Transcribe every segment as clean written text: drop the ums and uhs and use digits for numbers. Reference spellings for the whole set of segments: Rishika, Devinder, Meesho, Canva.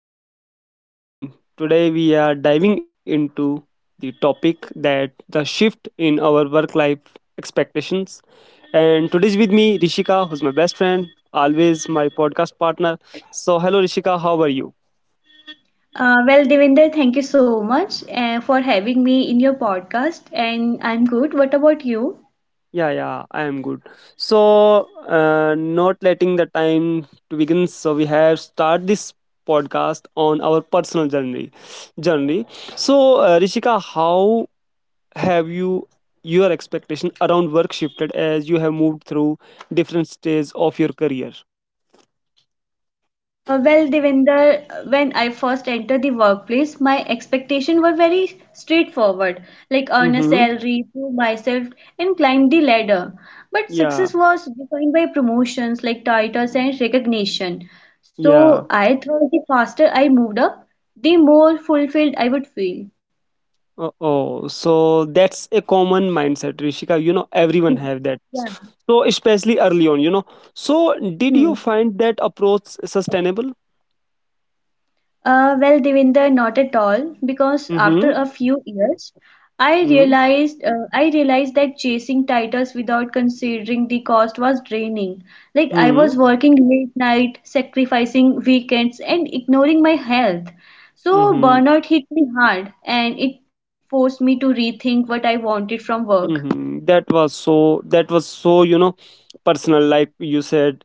podcast. And today we are diving into the topic that the shift in our work life expectations. And today's with me, Rishika, who's my best friend, always my podcast partner. So, hello, Rishika, how are you? Well, Devinder, thank you so much for having me in your podcast, and I'm good. What about you? Yeah, yeah, I am good. So, not letting the time to begin. So, we have start this podcast on our personal journey. Journey. So, Rishika, how have you your expectation around work shifted as you have moved through different stages of your career? Well, Devinder, when I first entered the workplace, my expectations were very straightforward, like earn a Mm-hmm. salary, prove myself, and climb the ladder. But Yeah, success was defined by promotions, like titles and recognition. yeah. So I thought the faster I moved up, the more fulfilled I would feel. Oh so that's a common mindset, Rishika, you know, everyone Hmm. have that. Yeah. So especially early on, you know, so did you Hmm. find that approach sustainable? Well, Devinder, not at all, because after Mm-hmm. a few years, I realized that chasing titles without considering the cost was draining. Like I Mm-hmm. was working late night, sacrificing weekends, and ignoring my health. So Mm-hmm. burnout hit me hard, and it forced me to rethink what I wanted from work. Mhm. That was so, you know, personal, like you said,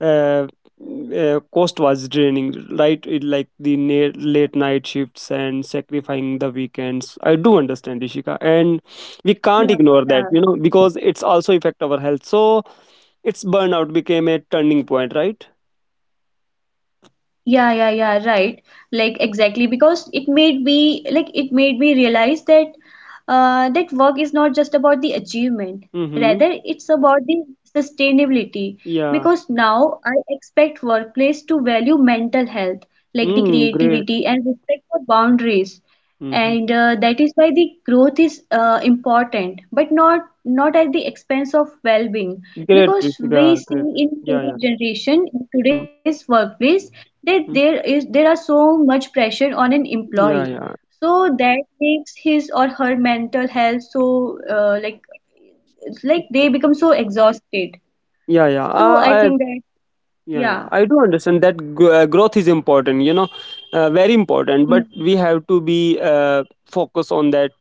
uh, cost was draining, right? It, like the late night shifts and sacrificing the weekends. I do understand, Ishika, and we Yeah, can't ignore yeah. that, you know, because it's also affect our health. So its burnout became a turning point, right? Yeah, yeah, yeah, right. Like exactly because it made me realize that that work is not just about the achievement. Mm-hmm. Rather, it's about the sustainability Yeah. because now I expect workplace to value mental health, like the Mm, great. creativity and respect for boundaries Mm-hmm. and that is why the growth is important but not at the expense of well-being Great, because we Ishika. see Great. in Yeah, yeah. today's generation in Mm-hmm. today's workplace that there are so much pressure on an Yeah, employee yeah. so that makes his or her mental health so like it's like they become so exhausted Yeah, yeah. so i think that yeah, yeah, yeah I do understand that growth is important, you know, very important. But Hmm. we have to be focused on that.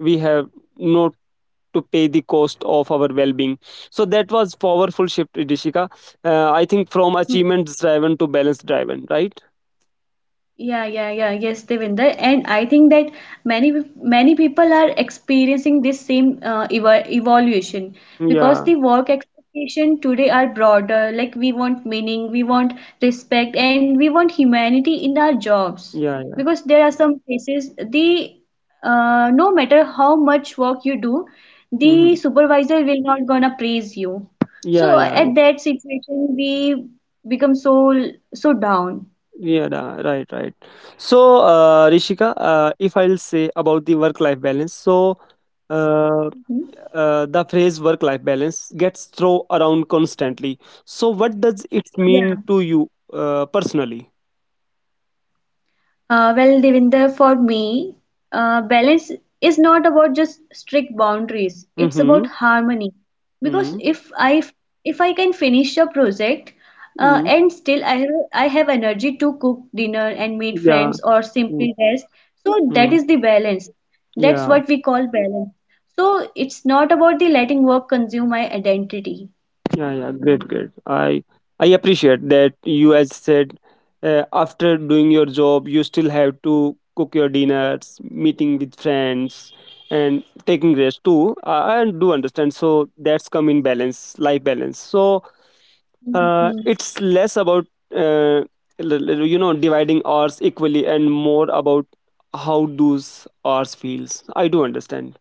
We have not to pay the cost of our well-being. So that was powerful shift, Idishika. I think from Hmm. achievement-driven to balance-driven, right? Yeah, yeah, yeah. Yes, Devinder. And I think that many people are experiencing this same evolution because Yeah, the work expectation today are broader. Like we want meaning, we want respect, and we want humanity in our jobs. yeah, yeah. Because there are some places the no matter how much work you do, Hmm. the supervisor will not gonna praise you. Yeah, So yeah, yeah, at that situation, we become so down. yeah, nah, right, right. So, Rishika, if I'll say about the work-life balance, so. uh, Mhm. The phrase work life balance gets thrown around constantly. So, what does it mean Yeah. to you personally? Well, Devinder, for me, balance is not about just strict boundaries. It's Mm-hmm. about harmony. Because Mm-hmm. if I can finish a project Mm. and still I have energy to cook dinner and meet Yeah. friends or simply rest, so that Mm-hmm. is the balance. That's Yeah. what we call balance. So it's not about the letting work consume my identity. Yeah. Yeah. Great. Great. I appreciate that you, as said, after doing your job, you still have to cook your dinners, meeting with friends, and taking rest too. I do understand. So that's come in balance, life balance. So Mhm. It's less about uh, you know, dividing hours equally, and more about how those hours feels. I do understand.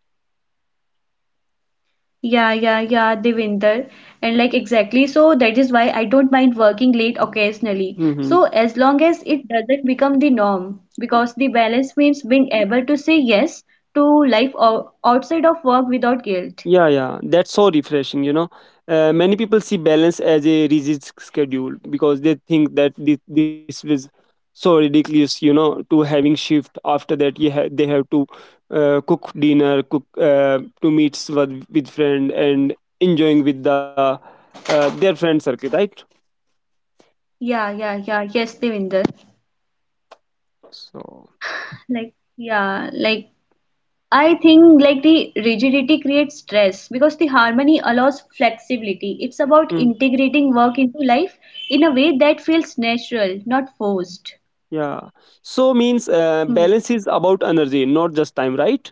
Yeah, yeah, yeah, Devinder. And like exactly, so that is why I don't mind working late occasionally. So Hmm, as long as it doesn't become the norm, because the balance means being able to say yes to life o outside of work without guilt. yeah, yeah, that's so refreshing, you know. Many people see balance as a rigid schedule because they think that this was so ridiculous, you know, to having shift after that you they have to cook dinner, cook to meets with friend and enjoying with the their friend circle, right? Yeah, yeah, yeah, yes, Devinder. So, Like I think like the rigidity creates stress because the harmony allows flexibility. It's about mm, integrating work into life in a way that feels natural, not forced. yeah. So means Hmm. balance is about energy, not just time, right?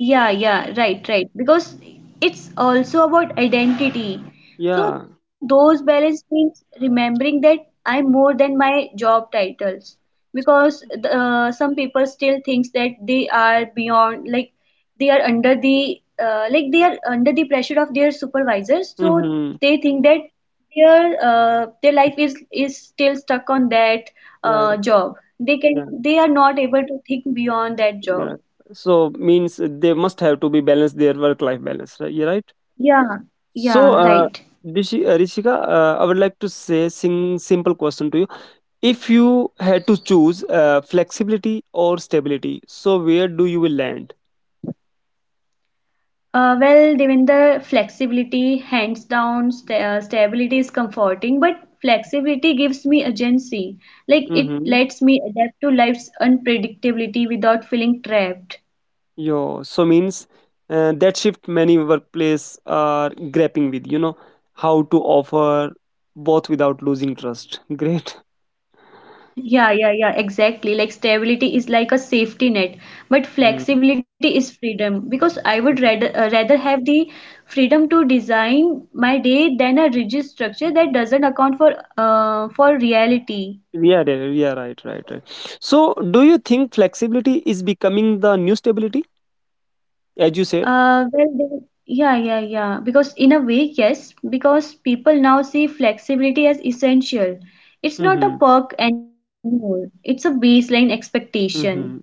Yeah, yeah, right, right. Because it's also about identity. Yeah. So those balance means remembering that I'm more than my job titles. Because some people still thinks that they are beyond, like they are under the pressure of their supervisors. So Mm-hmm. they think that their life is still stuck on that Yeah, yeah, job. Yeah, They are not able to think beyond that yeah. job. So means they must have to be balanced their work-life balance, right? Yeah, right. Yeah, So, yeah, right. Rishika, I would like to say sing simple question to you. If you had to choose flexibility or stability, so where do you will land? Well, Devinder, flexibility, hands down, stability is comforting, but flexibility gives me agency. Like it lets me adapt to life's unpredictability without feeling trapped. Yo, so means that shift many workplace are grappling with, you know, how to offer both without losing trust. Great. Yeah, yeah, yeah, exactly. Like stability is like a safety net, but Mm. flexibility is freedom because I would rather Mhm. Rather have the freedom to design my day than a rigid structure that doesn't account for reality. Yeah, yeah, yeah, right, right, right. So, do you think flexibility is becoming the new stability, as you said? Uh, well, they, yeah, yeah, yeah. Because in a way, yes, because people now see flexibility as essential. It's not a Mm-hmm. perk anymore. It's a baseline expectation. Mm-hmm.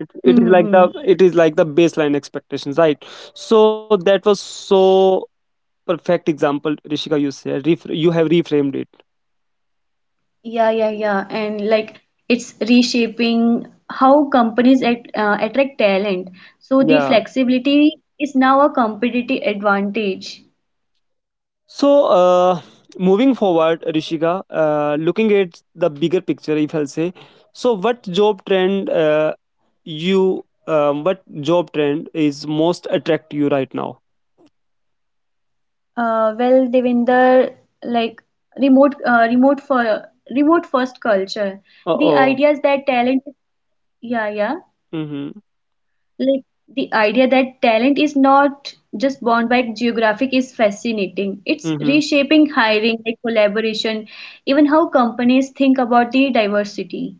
It is like Mm-hmm. the it is like the baseline expectations, right? So that was so perfect example, Rishika. You said you have reframed it. Yeah, yeah, yeah. And like it's reshaping how companies attract talent. So the Yeah. flexibility is now a competitive advantage. So, moving forward, Rishika, looking at the bigger picture, if I'll say, so what job trend is most attract you right now? Well, Devinder, like remote, uh, remote for remote first culture. Uh The oh. idea that talent, yeah, yeah, Mm-hmm. like the idea that talent is not just born by geographic is fascinating. It's Mm-hmm. reshaping hiring, like collaboration, even how companies think about the diversity.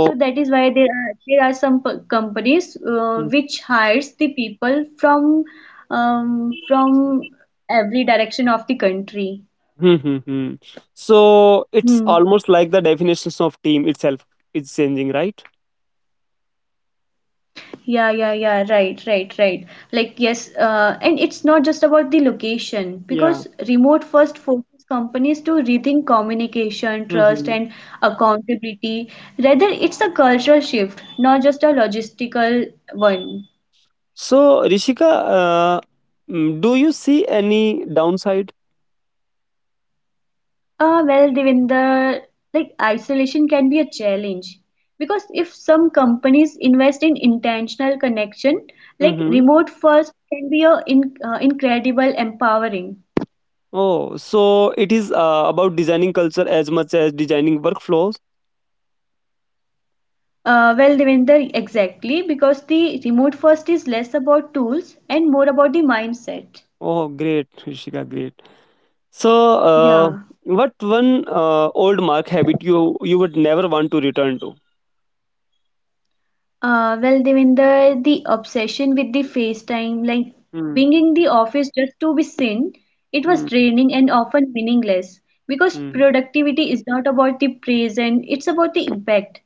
So that is why there are some companies which hires the people from every direction of the country. Mm-hmm. Mm-hmm. So it's Hmm. almost like the definitions of team itself is changing, right? Yeah, yeah, yeah. Right, right, right. Like, yes, and it's not just about the location because Yeah. remote first forces companies to rethink communication, trust, Mm-hmm. and accountability. Rather, it's a cultural shift, not just a logistical one. So Rishika, mm, do you see any downside? Well, Devinder, like isolation can be a challenge because if some companies invest in intentional connection, like remote first can be incredible empowering. Oh, so it is about designing culture as much as designing workflows. Well, Devender, exactly, because the remote first is less about tools and more about the mindset. Oh, great, Rishika, great. So, uh, Yeah. what one old mark habit you would never want to return to? Well, Devinder, the obsession with the FaceTime, like Hmm, being in the office just to be seen, it hmm, was draining and often meaningless because hmm. productivity is not about the present, it's about the impact.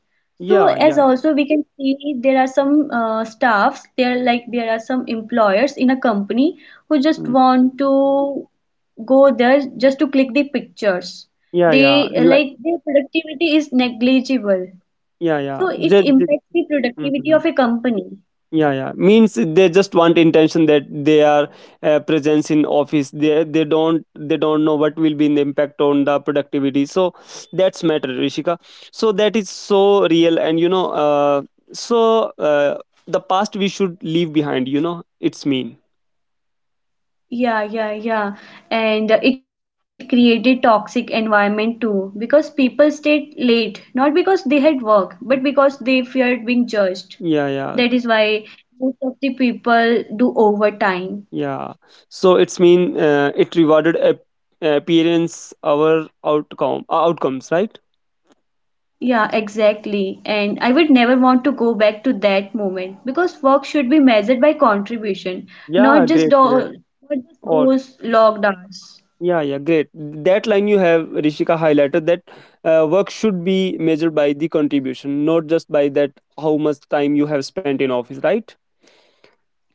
So, Yeah, as yeah, also we can see, there are some staffs, there are some employers in a company who just hmm. want to go there just to click the pictures. Yeah, yeah, They like, Like their productivity is negligible yeah, yeah. so it Just, impacts the productivity of a company. yeah, yeah, means they just want intention that they are presence in office. They don't, they don't know what will be the impact on the productivity. So that's matter, Rishika. So that is so real, and you know, so uh, the past we should leave behind, you know, it's mean. Yeah, yeah, yeah. And it created toxic environment too because people stayed late, not because they had work, but because they feared being judged. Yeah, yeah, That is why most of the people do overtime. yeah. So it's mean it rewarded appearance our outcomes, right? Yeah, exactly. And I would never want to go back to that moment because work should be measured by contribution, Yeah, great, great. not just Or those logged hours. yeah, yeah, great. That line you have, Rishika, highlighted that work should be measured by the contribution, not just by that how much time you have spent in office, right?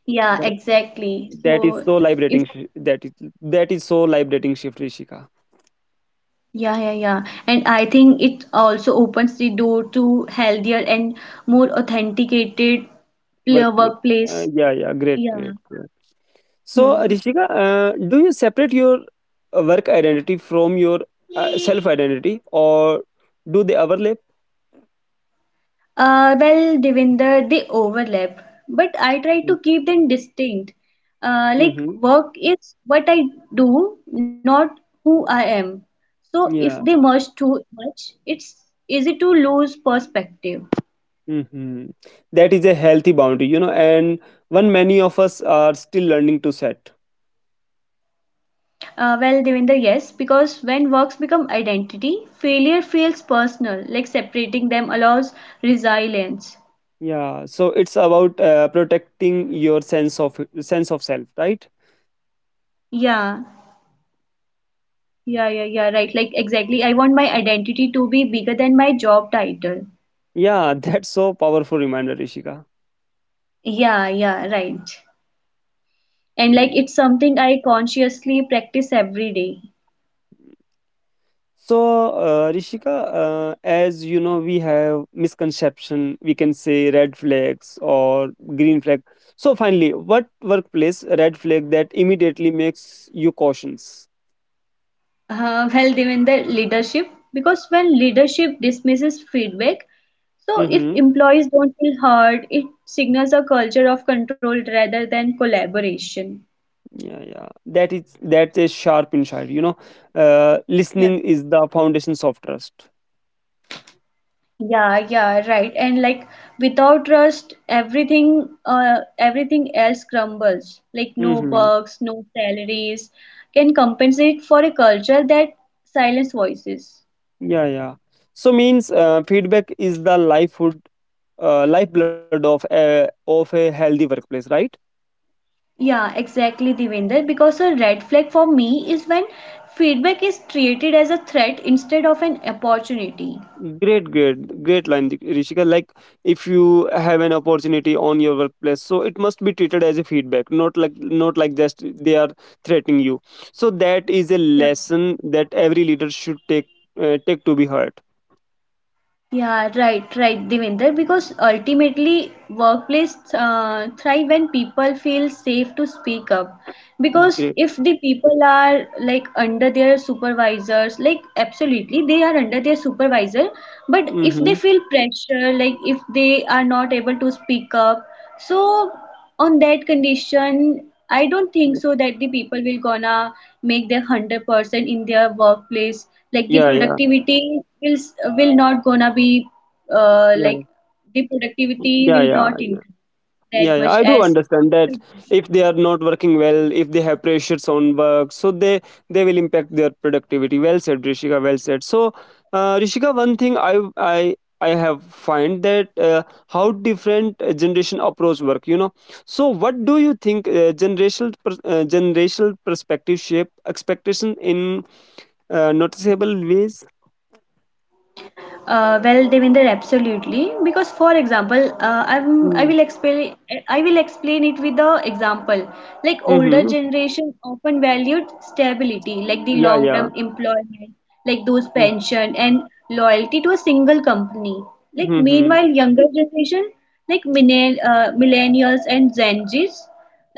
Yeah, That, exactly. that is So so if. liberating. That is so liberating shift, Rishika. Yeah, yeah, yeah. And I think it also opens the door to healthier and more authenticated Workplace. Workplace. Yeah, yeah, great, great, Yeah. great. So, Hmm. Rishika, do you separate your work identity from your self identity, or do they overlap? Well, Devinder, they overlap, but I try to keep them distinct. Like Mm-hmm. work is what I do, not who I am. So if they Yeah. merge too much, it's easy to lose perspective. Mhm. That is a healthy boundary, you know, and one many of us are still learning to set. Well, Devinder, yes, because when works become identity, failure feels personal, like separating them allows resilience. Yeah, so it's about protecting your sense of self, right? Yeah, yeah, yeah, yeah, right. Like, exactly. I want my identity to be bigger than my job title. Yeah, that's so powerful reminder, Rishika. Yeah, yeah, right. And like, Mm. it's something I consciously practice every day. So, Rishika, as you know, we have misconception. We can say red flags or green flag. So, finally, what workplace red flag that immediately makes you cautious? Well, even the leadership, because when leadership dismisses feedback, so if Mm-hmm. employees don't feel heard, it signals a culture of control rather than collaboration. Yeah, yeah, that is, that's a sharp insight, you know. Yeah. Listening is the foundations of trust. Yeah, yeah, right. And like without trust, everything else crumbles. Like no Mm-hmm. perks, no salaries can compensate for a culture that silence voices. Yeah, yeah. So means feedback is the lifehood lifeblood of a healthy workplace, right? Yeah, exactly, Devinder. Because a red flag for me is when feedback is treated as a threat instead of an opportunity. Great, great, great line, Rishika. Like, if you have an opportunity on your workplace, so it must be treated as a feedback, not like, not like just they are threatening you. So that is a Yeah. lesson that every leader should take, take to be heard. Yeah, right, right, Devinder. Because ultimately, workplace thrive when people feel safe to speak up. Because if the people are like under their supervisors, like absolutely they are under their supervisor, but if they Mhm. feel pressure, like if they are not able to speak up, so on that condition I don't think so that the people will gonna make their 100% in their workplace like the Yeah, yeah, productivity will s- will not gonna be yeah, like the productivity yeah, will yeah, not yeah, increase yeah, that yeah. much I do as understand it that should. if they are not working well, if they have pressures on work, so they will impact their productivity. Well said, Rishika. Well said. So, Rishika, one thing I have find that how different generation approach work. You know, so what do you think generational perspective shape expectation in noticeable ways? Well, Devinder, absolutely. Because, for example, I will explain it with the example. Like older Mm-hmm. generation often valued stability, like the Yeah, yeah. long-term employment, like those Mm-hmm. pension and loyalty to a single company. Like Mm-hmm. meanwhile, younger generation, like millennials and Gen Zs,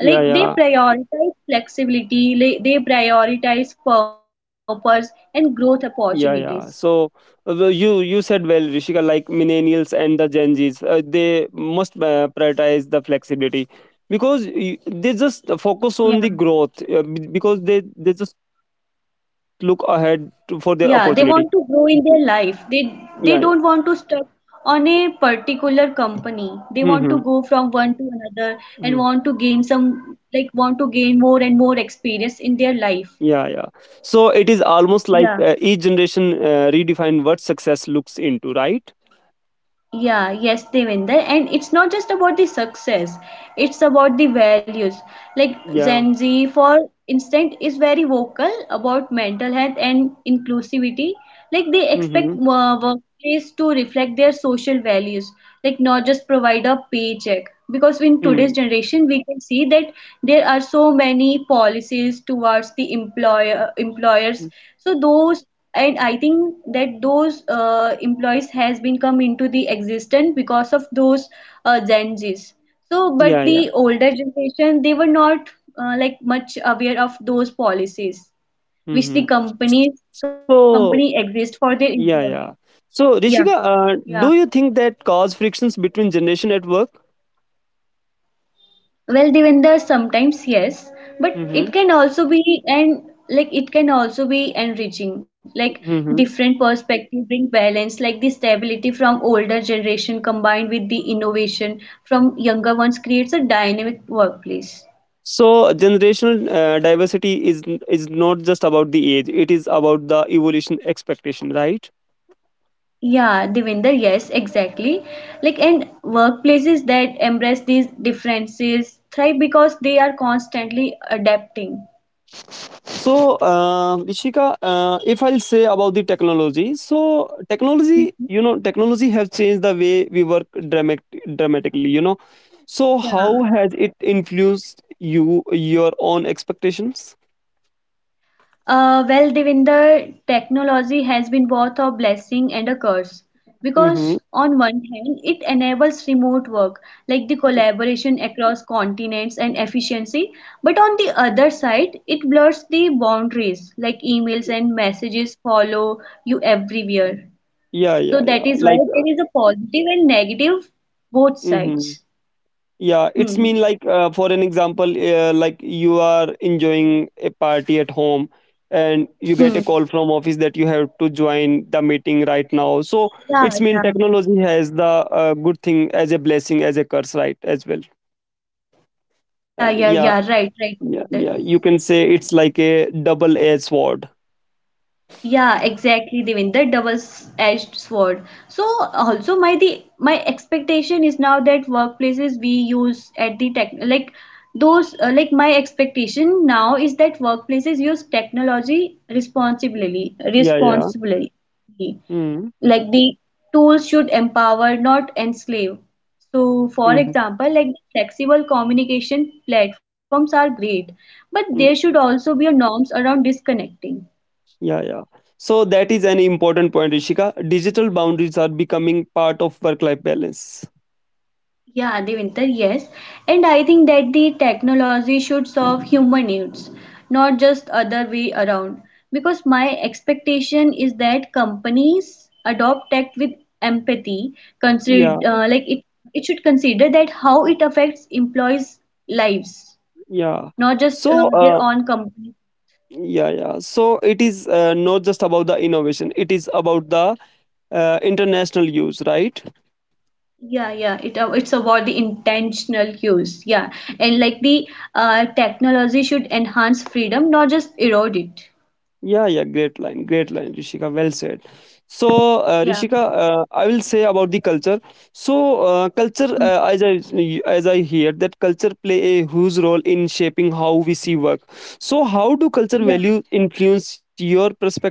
like they yeah, prioritize flexibility, like, they prioritize purpose and growth opportunities. yeah, yeah. So well, you said well, Rishika. Like millennials and the Gen Zs, they must prioritize the flexibility because they Yeah. just focus on the growth because they just look ahead to, for their opportunity. Yeah, they want to grow in their life. Yeah. Yeah. They don't want to stuck on a particular company. They Mm-hmm. want to go from one to another Hmm. and want to gain some like want to gain more and more experience in their life. Yeah, yeah. So it is almost like Yeah. Each generation redefine what success looks into, right? Yeah, yes, Devinder. And it's not just about the success, it's about the values. Like Yeah. Gen Z, for instance, is very vocal about mental health and inclusivity. Like they expect Mm-hmm. Workplace to reflect their social values, like not just provide a paycheck. Because in today's Mm. generation, we can see that there are so many policies towards the employers. So those and I think that those employees has been come into the existence because of those Gen Z's so but Yeah, yeah. the older generation they were not like much aware of those policies which the Mm-hmm. companies company So, exist for their employees. yeah, yeah. Yeah, So, Rishika, yeah. Do you think that cause frictions between generation at work? Well, the Devender, sometimes yes, but Mm-hmm, it can also be and like it can also be enriching. Like mm-hmm. different perspective bring balance, like the stability from older generation combined with the innovation from younger ones creates a dynamic workplace. So, generational diversity is not just about the age; it is about the evolution expectation, right? Yeah, Devinder, yes, exactly. Like, and workplaces that embrace these differences thrive because they are constantly adapting. So, Rishika, if I'll say about the technology, so technology, Mhm. you know, technology have changed the way we work dramatically. You know, so Yeah. how has it influenced you your own expectations? Well, Devinder, technology has been both a blessing and a curse Mm-hmm. because, on one hand, it enables remote work like the collaboration across continents and efficiency, but on the other side, it blurs the boundaries like emails and messages follow you everywhere. Yeah, So, yeah, yeah. that is why Like, there is a positive and negative both mm-hmm. sides. Yeah, it's Hmm. mean like for an example, like you are enjoying a party at home, and you get a Hmm. call from office that you have to join the meeting right now. So Yeah, it's mean yeah. technology has the good thing as a blessing, as a curse, right? As well. Yeah, yeah, Yeah, yeah. Right, right. yeah, Devinder. yeah. You can say it's like a double-edged sword. Yeah, exactly, Devin. The double-edged sword. So also my expectation is now that workplaces we use at the tech like those like my expectation now is that workplaces use technology responsibly Yeah, yeah. responsibly. Mm-hmm. Like the tools should empower, not enslave. So for Mm-hmm, mm-hmm. example, like flexible communication platforms are great, but there should also be a norms around disconnecting. Yeah, yeah. So that is an important point, Rishika. Digital boundaries are becoming part of work-life balance. Yeah, Devinder, yes. And I think that the technology should solve human needs, not just other way around. Because my expectation is that companies adopt tech with empathy, consider Yeah, like it should consider that how it affects employees' lives, yeah. not just So, their own company. yeah, yeah. So it is not just about the innovation; it is about the international use, right? Yeah, yeah, it's about the intentional use. Yeah, and like the technology should enhance freedom, not just erode it. Yeah, yeah, great line, Rishika. Well said. So, Rishika, Yeah. I will say about the culture. So, Hmm. culture, as I hear that culture play a huge role in shaping how we see work. So, how do culture Yeah. value influence your perspective?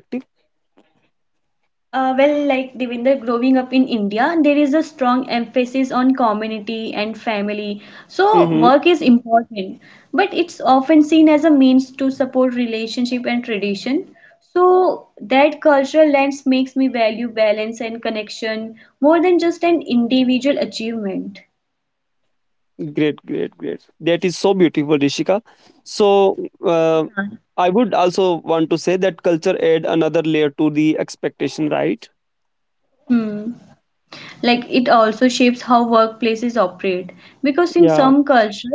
Well, like Devinder, growing up in India, there is a strong emphasis on community and family. So Mm-hmm. work is important, but it's often seen as a means to support relationship and tradition. So that cultural lens makes me value balance and connection more than just an individual achievement. Great, great, great. That is so beautiful, Rishika. So, uh, I would also want to say that culture add another layer to the expectation, right? Hmm. Like it also shapes how workplaces operate because in Yeah, some cultures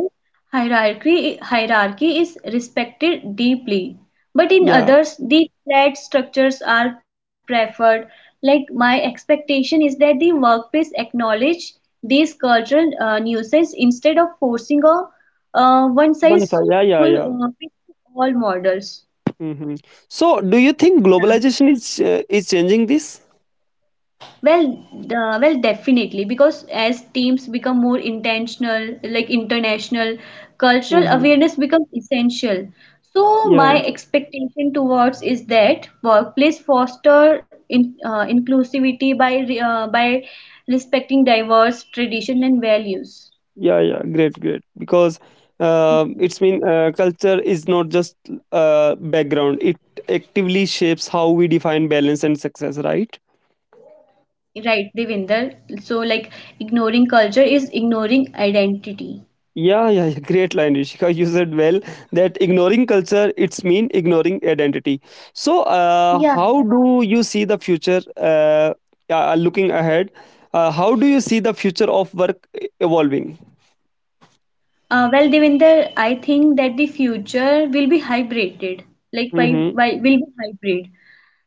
hierarchy is respected deeply, but in yeah. others the flat structures are preferred, like my expectation is that the workplace acknowledge these cultural nuisance instead of forcing a one One size side, yeah, yeah, full, yeah. Fits all models. Mhm. So, do you think Yeah. globalization is changing this? Well, well, definitely, because as teams become more intentional, like international, cultural Hmm. awareness becomes essential. So Yeah, my expectation towards is that workplace foster inclusivity by by respecting diverse tradition and values. yeah, yeah. Great, great. Because Mhm. it's mean culture is not just background; it actively shapes how we define balance and success. Right? Right, Devinder. So like ignoring culture is ignoring identity. Yeah, yeah, yeah, great line, Rishika. You said well that ignoring culture it's mean ignoring identity. So, Yeah. how do you see the future? Looking ahead, how do you see the future of work evolving? Well, Devinder, I think that the future will be hybrided, like Mm-hmm. by will be hybrid,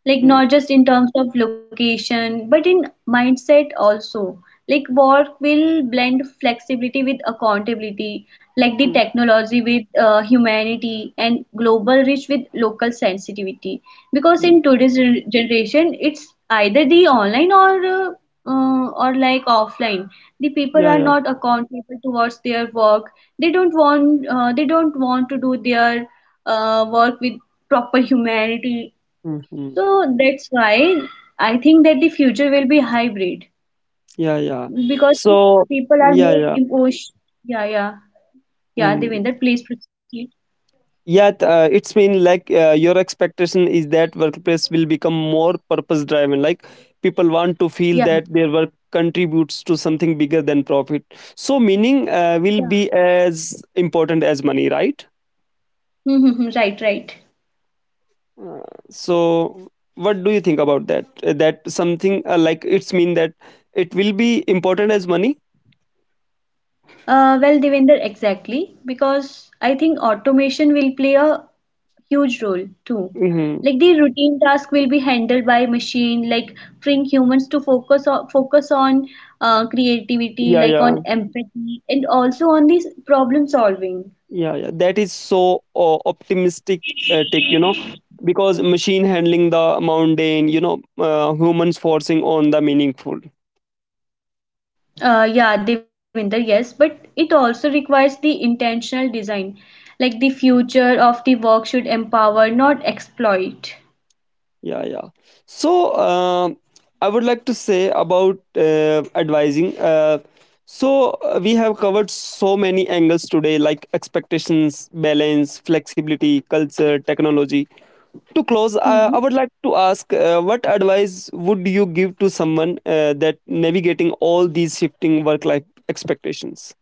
like Mm-hmm. not just in terms of location but in mindset also, like work will blend flexibility with accountability, like the technology with humanity and global reach with local sensitivity, because Mm-hmm. in today's generation it's either the online or like offline, the people Yeah, are yeah. not accountable towards their work, they don't want to do their work with proper humanity. Mm-hmm. So that's why I think that the future will be hybrid Yeah, yeah. because So, people are yeah, more yeah. emotion. Yeah, yeah, yeah, Mm. Devinder, please proceed. Yeah, it's mean like your expectation is that workplace will become more purpose driven. Like people want to feel Yeah, that their work contributes to something bigger than profit. So meaning will yeah. be as important as money, right? Mm-hmm, right, right. Uh, so what do you think about that? That something like it's mean that it will be important as money. Well, Devinder, exactly. Because I think automation will play a huge role too. hmm Like the routine task will be handled by machine, like freeing humans to focus on creativity, Yeah, like on yeah. empathy, and also on this problem solving. Yeah, yeah, that is so optimistic take, you know, because machine handling the mundane, you know, humans forcing on the meaningful. Yeah, Devinder, yes, but it also requires the intentional design. Like the future of the work should empower, not exploit. Yeah, yeah. So I would like to say about advising. We have covered so many angles today, like expectations, balance, flexibility, culture, technology to close I would Hmm. like to ask what advice would you give to someone that navigating all these shifting work life expectations.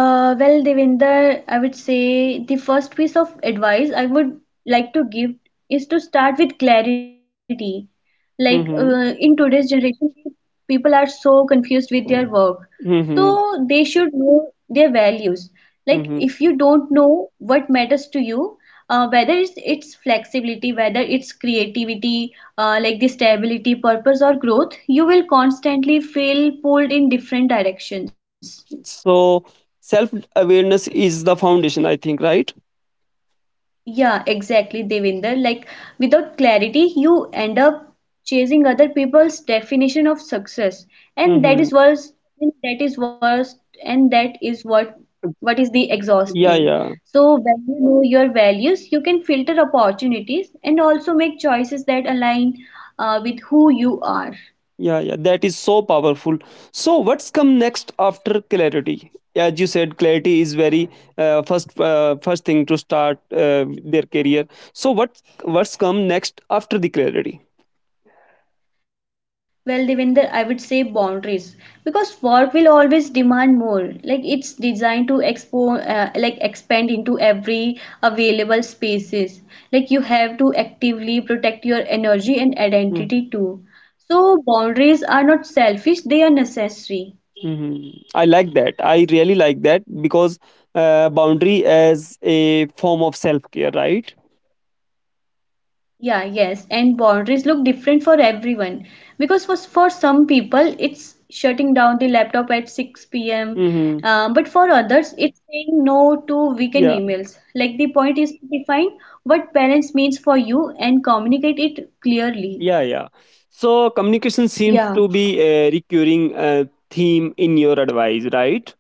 Well, Devinder, I would say the first piece of advice I would like to give is to start with clarity. Like Hmm. in today's generation, people are so confused with their work. Hmm. So they should know their values. Like Hmm. if you don't know what matters to you, whether it's flexibility, whether it's creativity, like the stability, purpose, or growth, you will constantly feel pulled in different directions. So self awareness is the foundation, I think, right? Yeah, exactly, Devinder. Like, without clarity, you end up chasing other people's definition of success, and that Hmm. is worse, and that is worse, and that is what is the Yeah, exhausting. yeah. So, when you know your values, you can filter opportunities and also make choices that align with who you are. Yeah, yeah, that is so powerful. So what's come next after clarity? As you said, clarity is very first first thing to start their career. So what's come next after the clarity? Well, Devinder, I would say boundaries because work will always demand more. Like it's designed to expo, like expand into every available spaces. Like you have to actively protect your energy and Mm-hmm. identity too. So boundaries are not selfish; they are necessary. Mm-hmm. I like that. I really like that because boundary as a form of self care, right? Yeah, yes, and boundaries look different for everyone because for some people it's shutting down the laptop at 6 p.m. Mm-hmm. But for others it's saying no to Yeah. weekend emails. Like the point is to define what balance means for you and communicate it clearly. Yeah, yeah. So communication seems Yeah. to be a recurring theme in your advice, right?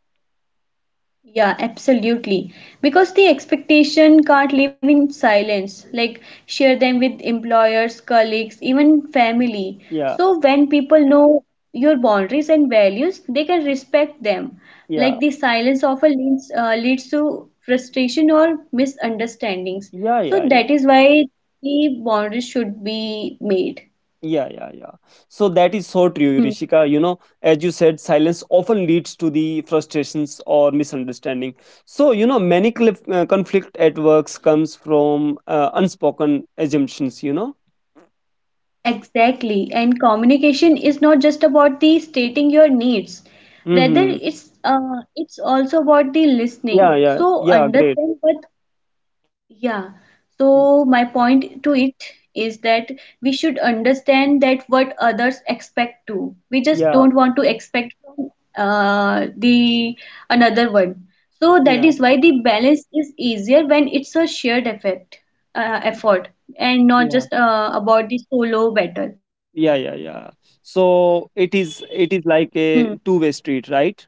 Yeah, absolutely. Because the expectation can't live in silence, like share them with employers, colleagues, even family. Yeah, So when people know your boundaries and values, they can respect them. Like yeah, the silence often leads to frustration or misunderstandings. yeah, So yeah, yeah, that is why the boundaries should be made. yeah, yeah, yeah. So that is so true, Hmm. Rishika. You know, as you said, silence often leads to the frustrations or misunderstanding. So you know, many conflict at works comes from unspoken assumptions. You know. Exactly. And communication is not just about the stating your needs. Rather, Hmm. It's also about the Yeah, listening. yeah, So yeah. Great. understand, but yeah. So my point to it is that we should understand that what others expect too. We just Yeah, don't want to expect from the another one. So that yeah, is why the balance is easier when it's a shared effect, effort, and not yeah. just about the solo battle. Yeah, yeah, yeah. So it is Hmm. it is like a two-way street, right?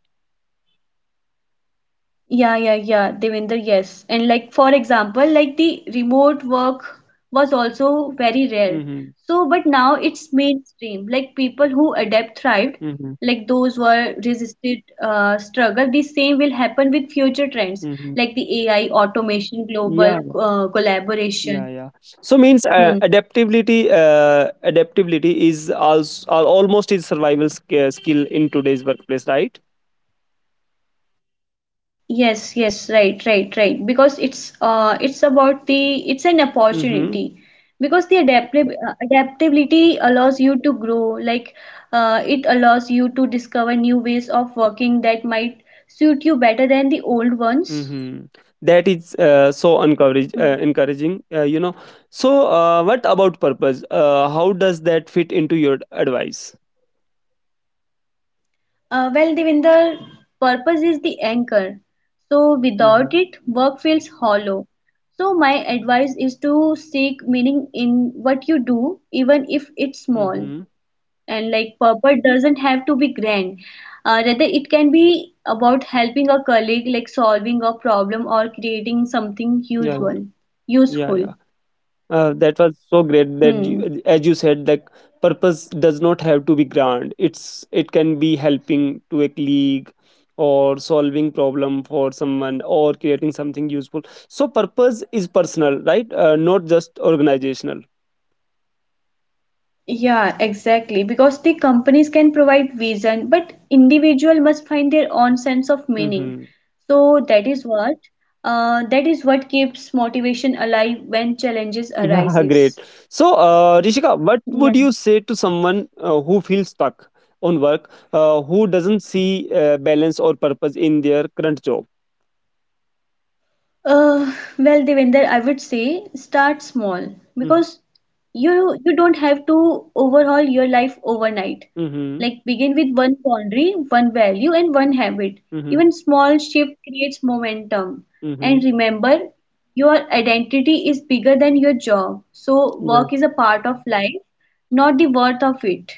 Yeah, yeah, yeah, Devinder, yes. And like for example, like the remote work was also very rare. Mm-hmm. So, but now it's mainstream. Like people who adapt thrived, Mm-hmm. like those who are resisted struggle. The same will happen with future trends Mm-hmm. like the AI, automation, Yeah, global yeah, yeah. collaboration. So means Hmm. Adaptability is also almost is survival skill in today's workplace, right? Yes, yes, right, right, right. Because it's about the it's an Mm-hmm. opportunity because the adaptability allows you to grow. Like, it allows you to discover new ways of working that might suit you better than the old ones. Mm-hmm. That is so Hmm. encouraging, you know. So what about purpose? How does that fit into your advice? Well, Devinder, purpose is the anchor. So without Mm-hmm. it, work feels hollow. So my advice is to seek meaning in what you do, even if it's small. Mm-hmm. And like purpose doesn't have to be grand, rather it can be about helping a colleague like solving a problem or creating something Yeah, useful yeah, useful yeah. That was so great that Hmm. As you said that purpose does not have to be grand, it's it can be helping to a colleague or solving problem for someone or creating something useful. So purpose is personal, right? Not just organizational. Yeah, exactly, because the companies can provide vision but individual must find their own sense of meaning. Hmm. So that is what keeps motivation alive when challenges Yeah, great. arises. So Rishika, what would Yeah. you say to someone who feels stuck on work who doesn't see balance or purpose in their current job? Well, Devender, I would say start small Mm-hmm. because you don't have to overhaul your life overnight. Mm-hmm. Like begin with 1 boundary, 1 value, and 1 habit. Mm-hmm. Even small shift creates momentum. Mm-hmm. And remember, your identity is bigger than your job. So Yeah. work is a part of life, not the worth of it.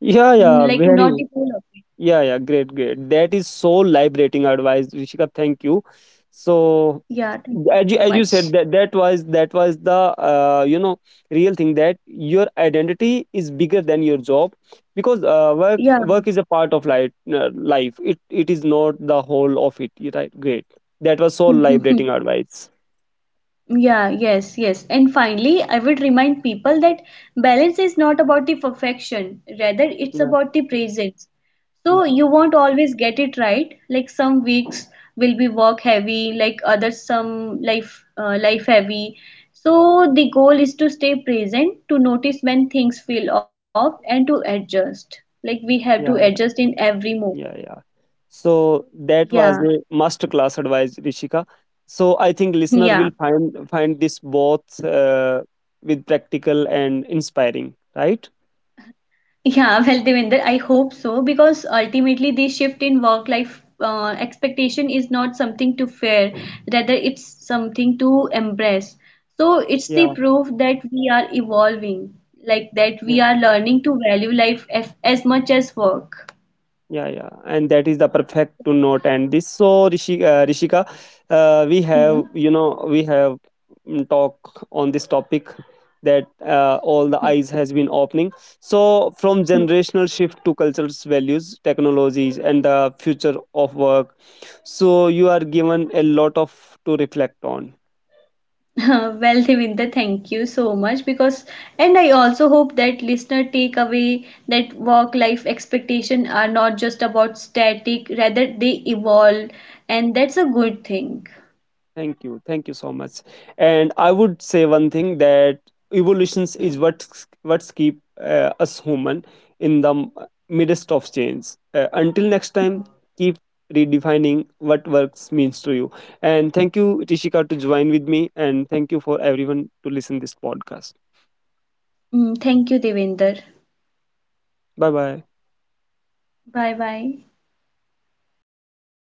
Yeah, yeah, Like very. not the whole of it. Yeah, yeah, great, great. That is so liberating advice, Rishika. Thank you. So, Yeah, thank you so as you said, much. that was the you know real thing that your identity is bigger than your job, because uh, work Yeah. work is a part of life. Life, it is not the whole of it. You're right. Great. That was so liberating advice. Yeah, yes, yes. And finally, I would remind people that balance is not about the perfection, rather, it's Yeah. about the presence. So, Hmm. you won't always get it right. Like some weeks will be work heavy, like others, some life, life heavy. So, the goal is to stay present, to notice when things feel off, and to adjust. Like we have to Yeah. adjust in Yeah. every moment. Yeah, yeah. So that Yeah, was a masterclass advice, Rishika. So I think yeah. listener will find this both with practical and inspiring, right? Yeah, well, Devinder, I hope so because ultimately the shift in work-life expectation is not something to fear, rather it's something to embrace. So it's the Yeah, proof that we are evolving, like that we yeah. are learning to value life as much as work. Yeah, yeah, and that is the perfect to note. And this, so Rishika, we Hmm. have you know we have mm, talk on this topic that all the Hmm. eyes has been opening. So from Hmm. generational shift to cultural values, technologies, and the future of work. So you are given a lot of to reflect on. Well, Devinda, thank you so much because, and I also hope that listener take away that work life expectation are not just about static, rather they evolve, and that's a good thing. Thank you. Thank you so much. And I would say one thing, that evolutions is what's keep us human in the midst of change. Until next time, keep redefining what works means to you. And thank you, Rishika, to join with me. And thank you for everyone to listen this podcast. Mm, thank you, Devinder. Bye bye. Bye bye.